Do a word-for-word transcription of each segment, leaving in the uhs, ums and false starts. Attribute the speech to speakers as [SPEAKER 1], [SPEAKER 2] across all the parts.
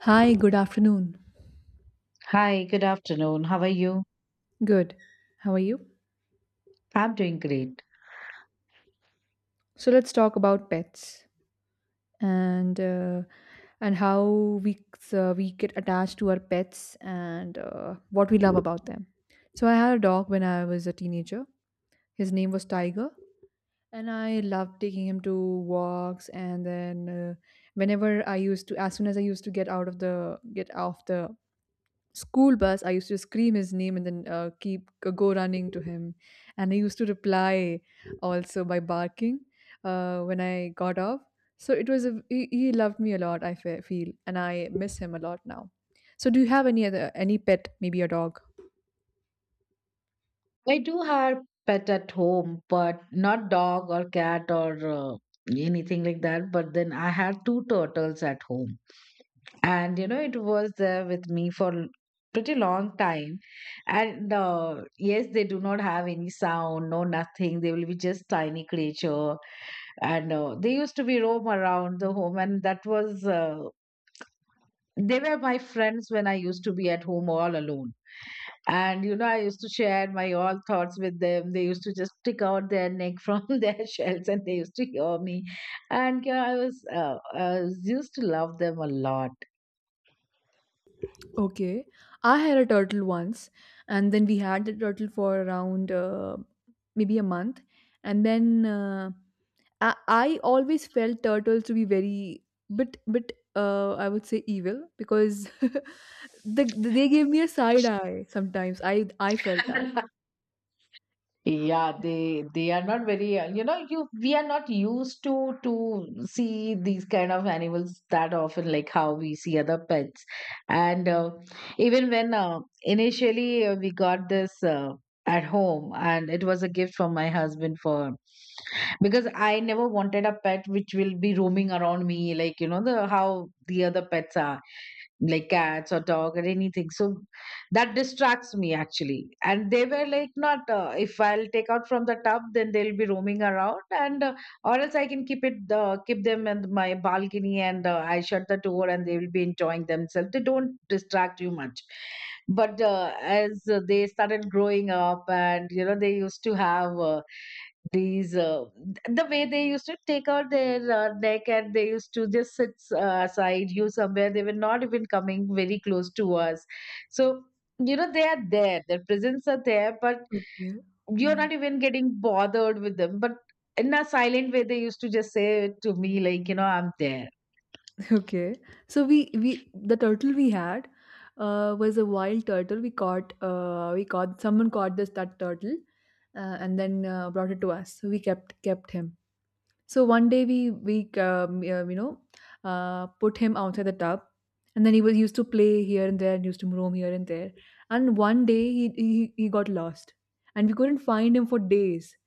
[SPEAKER 1] Hi, good afternoon.
[SPEAKER 2] Hi, good afternoon. How are you?
[SPEAKER 1] Good. How are you?
[SPEAKER 2] I'm doing great.
[SPEAKER 1] So let's talk about pets and uh, and how we uh, we get attached to our pets and uh, what we love about them. So I had a dog when I was a teenager. His name was Tiger, and I loved taking him to walks. And then uh, whenever I used to, as soon as I used to get out of the get off the school bus, I used to scream his name, and then uh, keep uh, go running to him, and he used to reply also by barking uh, when I got off. So it was a, he, he loved me a lot, I fe- feel, and I miss him a lot now. So do you have any other any pet, maybe a dog?
[SPEAKER 2] I do have pet at home, but not dog or cat or uh, anything like that. But then I had two turtles at home, and you know it was there with me for l- pretty long time. And uh, yes, they do not have any sound, no nothing. They will be just tiny creature, and uh, they used to be roam around the home, and that was uh, they were my friends when I used to be at home all alone. And you know, I used to share my all thoughts with them. They used to just stick out their neck from their shells, and they used to hear me. And yeah, I was, uh, I was used to love them a lot.
[SPEAKER 1] Okay, I had a turtle once, and then we had the turtle for around uh, maybe a month, and then uh, I, I always felt turtles to be very bit bit uh, I would say evil because the, they gave me a side eye sometimes. I I felt that.
[SPEAKER 2] Yeah, they they are not very uh, you know, you we are not used to to see these kind of animals that often, like how we see other pets. And uh, even when uh, initially uh, we got this uh, at home and it was a gift from my husband for, because I never wanted a pet which will be roaming around me, like you know the how the other pets are, like cats or dog or anything. So that distracts me actually, and they were like not uh, if I'll take out from the tub then they'll be roaming around and uh, or else I can keep it uh, keep them in my balcony and uh, I shut the door and they will be enjoying themselves. They don't distract you much. But uh, as uh, they started growing up and you know they used to have uh, these, uh, th- the way they used to take out their uh, neck and they used to just sit uh, aside you somewhere. They were not even coming very close to us. So, you know, they are there, their presence are there, but
[SPEAKER 1] Okay.
[SPEAKER 2] you're
[SPEAKER 1] Yeah.
[SPEAKER 2] not even getting bothered with them. But in a silent way, they used to just say it to me, like, you know, I'm there.
[SPEAKER 1] Okay. So we we the turtle we had uh, was a wild turtle. We caught uh, we caught Someone caught this that turtle uh, and then uh, brought it to us. So we kept kept him. So one day we we um, yeah, you know uh, put him outside the tub, and then he was used to play here and there and used to roam here and there. And one day he he, he got lost, and we couldn't find him for days.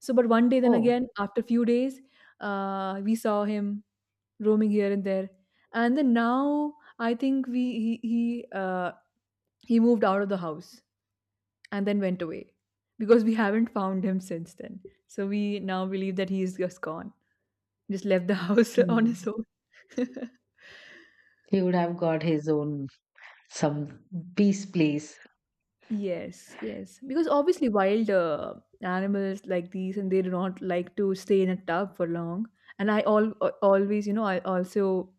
[SPEAKER 1] So but one day, then
[SPEAKER 2] Oh,
[SPEAKER 1] again after a few days, uh, we saw him roaming here and there. And then now I think we he he uh, he moved out of the house and then went away, because we haven't found him since then. So we now believe that he is just gone, just left the house on his
[SPEAKER 2] mm,
[SPEAKER 1] own.
[SPEAKER 2] he would have got his own some peace place.
[SPEAKER 1] Yes, yes. Because obviously, wild uh, animals like these, and they do not like to stay in a tub for long. And I all always, you know, I also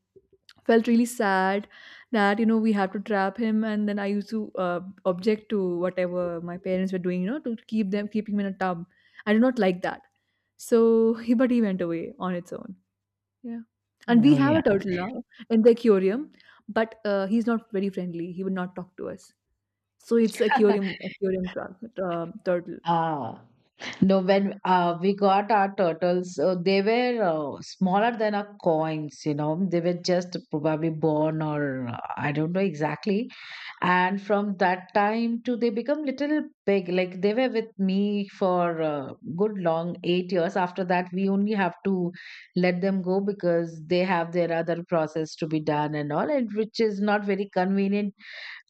[SPEAKER 1] felt really sad that, you know, we have to trap him, and then I used to uh, object to whatever my parents were doing, you know, to keep them keeping him in a tub. I did not like that. So, he, but he went away on its own. Yeah. And we
[SPEAKER 2] Oh,
[SPEAKER 1] have
[SPEAKER 2] yeah.
[SPEAKER 1] a turtle now in the aquarium, but uh, he's not very friendly. He would not talk to us. So it's aquarium aquarium tra- tra- turtle.
[SPEAKER 2] Ah. No, when uh, we got our turtles, uh, they were uh, smaller than our coins, you know. They were just probably born or uh, I don't know exactly. And from that time to they become little big. Like they were with me for uh, good long eight years. After that, we only have to let them go because they have their other process to be done and all, and which is not very convenient.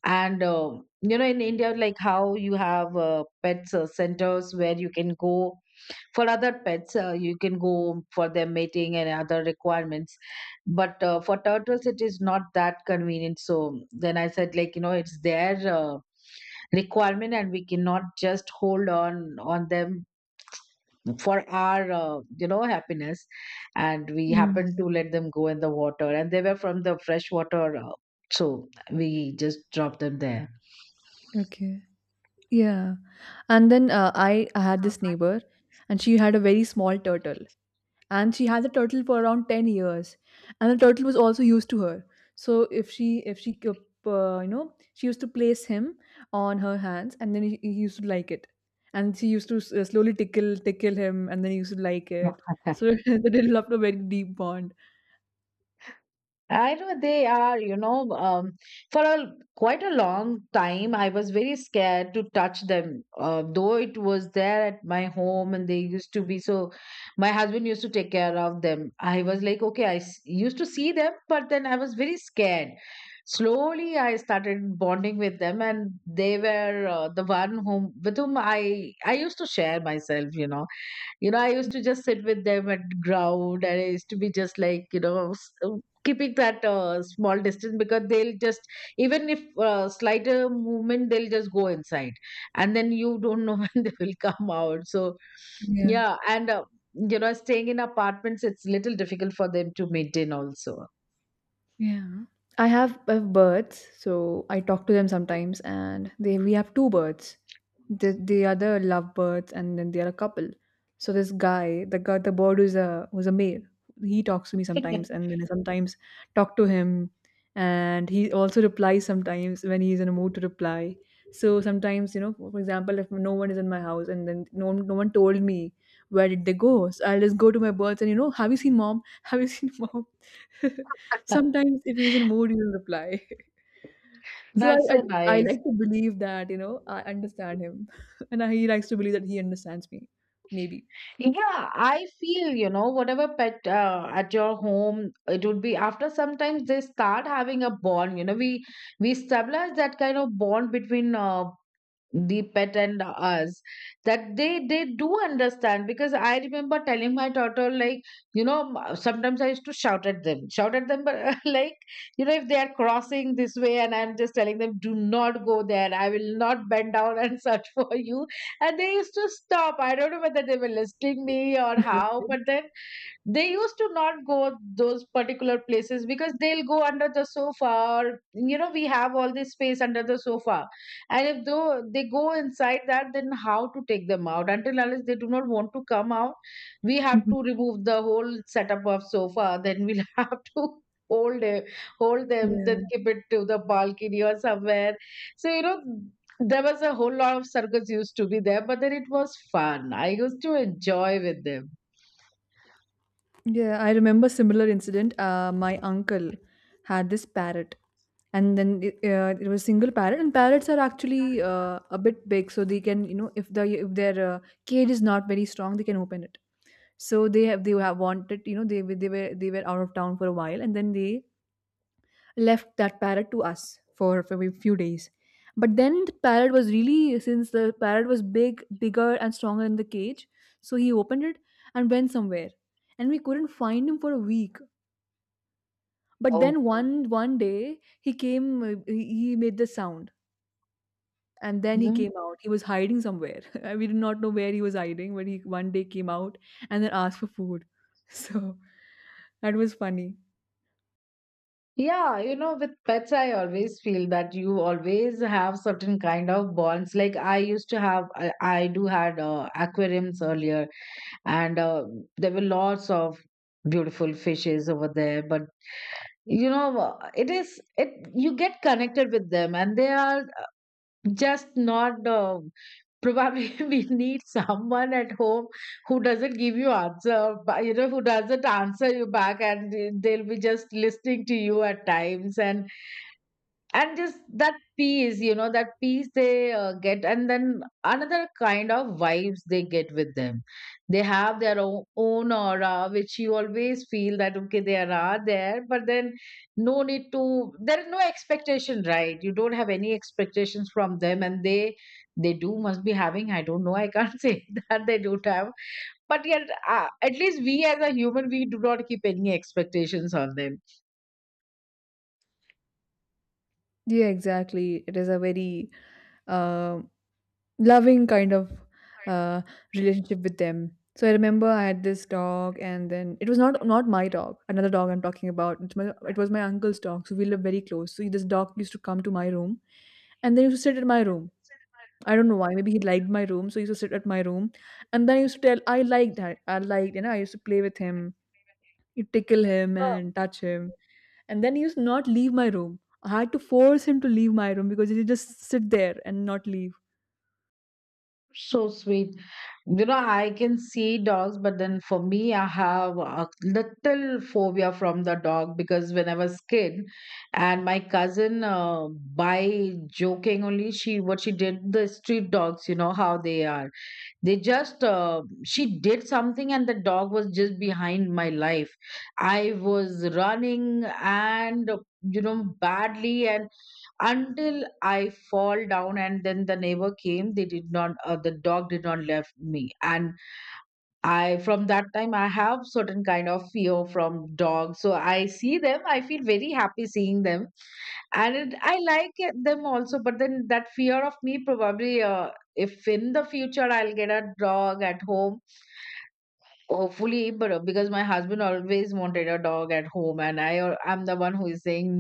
[SPEAKER 2] And uh, you know, in India, like how you have uh, pets uh, centers where you can go for other pets, uh, you can go for their mating and other requirements, but uh, for turtles it is not that convenient. So then I said, like you know, it's their uh, requirement and we cannot just hold on on them for our uh, you know, happiness. And we happened
[SPEAKER 1] Yes.
[SPEAKER 2] to let them go in the water and they were from the freshwater, uh, so we just dropped them there.
[SPEAKER 1] Okay. Yeah. And then uh, I, I had this neighbor, and she had a very small turtle. And she had the turtle for around ten years. And the turtle was also used to her. So if she, if she kept, uh, you know, she used to place him on her hands, and then he, he used to like it. And she used to s- uh, slowly tickle, tickle him, and then he used to like it. So they developed a very deep bond.
[SPEAKER 2] I know they are, you know, um, for a quite a long time, I was very scared to touch them. Uh, though it was there at my home, and they used to be so. My husband used to take care of them. I was like, okay, I s- used to see them, but then I was very scared. Slowly, I started bonding with them, and they were uh, the one whom, with whom I I used to share myself. You know, you know I used to just sit with them and ground, and I used to be just like, you know, s- uh, keeping that uh, small distance because they'll just, even if uh, slighter movement they'll just go inside and then you don't know when they will come out. So yeah. And uh, you know, staying in apartments it's little difficult for them to maintain also.
[SPEAKER 1] Yeah. I have, I have birds, so I talk to them sometimes, and they we have two birds. The the other lovebirds, and then they are a couple. So this guy, the guy, the bird who's a who's a male, he talks to me sometimes, and then I sometimes talk to him, and he also replies sometimes when he's in a mood to reply. So sometimes, you know, for example, if no one is in my house, and then no one, no one told me where did they go, so I'll just go to my birds and, you know, have you seen mom? Have you seen mom? Sometimes if he's in mood, he'll reply. So
[SPEAKER 2] That's
[SPEAKER 1] I,
[SPEAKER 2] so
[SPEAKER 1] I, I
[SPEAKER 2] nice.
[SPEAKER 1] like to believe that, you know, I understand him. And he likes to believe that he understands me. Maybe.
[SPEAKER 2] Yeah, I feel, you know, whatever pet uh, at your home, it would be, after sometimes they start having a bond. You know, we we establish that kind of bond between uh, the pet and us, that they they do understand. Because I remember telling my daughter, like, you know, m- sometimes I used to shout at them shout at them, but like, you know, if they are crossing this way and I'm just telling them, do not go there, I will not bend down and search for you. And they used to stop. I don't know whether they were listening me or how, but
[SPEAKER 1] Okay.
[SPEAKER 2] then they used to not go those particular places because they'll go under the sofa, or you know we have all this space under the sofa. And if though they go inside that, then how to take them out, until unless they do not want to come out, we have
[SPEAKER 1] Mhm.
[SPEAKER 2] to remove the whole setup of sofa, then we'll have to hold it hold them, then
[SPEAKER 1] Yeah.
[SPEAKER 2] keep it to the balcony or somewhere. So you know, there was a whole lot of circus used to be there, but then it was fun, I used to enjoy with them.
[SPEAKER 1] Yeah, I remember similar incident. Uh, my uncle had this parrot. And then it, uh, it was single parrot, and parrots are actually uh, a bit big, so they can, you know, if the if their uh, cage is not very strong, they can open it. So they have they have wanted you know they were- they were they were out of town for a while, and then they left that parrot to us for, for a few days. But then the parrot was really, since the parrot was big, bigger and stronger in the cage, so he opened it and went somewhere. And we couldn't find him for a week. But then one one day he came, uh, he he made the sound, and then he
[SPEAKER 2] Oh.
[SPEAKER 1] came out. He was hiding somewhere. We did not know where he was hiding, but he one day came out and then asked for food. So that was funny.
[SPEAKER 2] Yeah, you know, with pets, I always feel that you always have certain kind of bonds. Like I used to have, I, I do had uh, aquariums earlier, and uh, there were lots of beautiful fishes over there. But you know, uh, it is it you get connected with them, and they are just not. Uh, probably we need someone at home who doesn't give you answer, but, you know, who doesn't answer you back, and they- they'll be just listening to you at times. and and just that peace, you know, that peace they uh, get and then another kind of vibes they get with them. They have their own, own aura, which you always feel that okay, they are are there, but then no need to, there is no expectation, right? You don't have any expectations from them. And they they do must be having, I don't know, I can't say that they don't have. But yet uh, at least we as a human, we do not keep any expectations on them.
[SPEAKER 1] Yeah, exactly. It is a very um, loving kind of uh, relationship with them. So I remember I had this dog, and then it was not not my dog, another dog I'm talking about. It's my, it was my uncle's dog, so we lived very close. So this dog used to come to my room, and then he used to sit at my room. I don't know why. Maybe he liked my room, so he used to sit at my room, and then he used to tell I liked that I liked, you know, I used to play with him, you tickle him and touch him, and then he used to not leave my room. I had to force him to leave my room because he just sit there and not leave.
[SPEAKER 2] So sweet. You know, I can see dogs, but then for me, I have a little phobia from the dog, because when I was kid, and my cousin, uh, by joking only, she, what she did, the street dogs, you know how they are. They just uh, she did something, and the dog was just behind my life. I was running, and you know, badly, and until I fall down and then the neighbor came. They did not, uh, the dog did not left me. And I, from that time, I have certain kind of fear from dogs. So I see them, I feel very happy seeing them. And it, I like it- them also. But then that fear of me, probably, uh, if in the future I'll get a dog at home, hopefully. But uh, because my husband always wanted a dog at home, and I, or I'm the one who is saying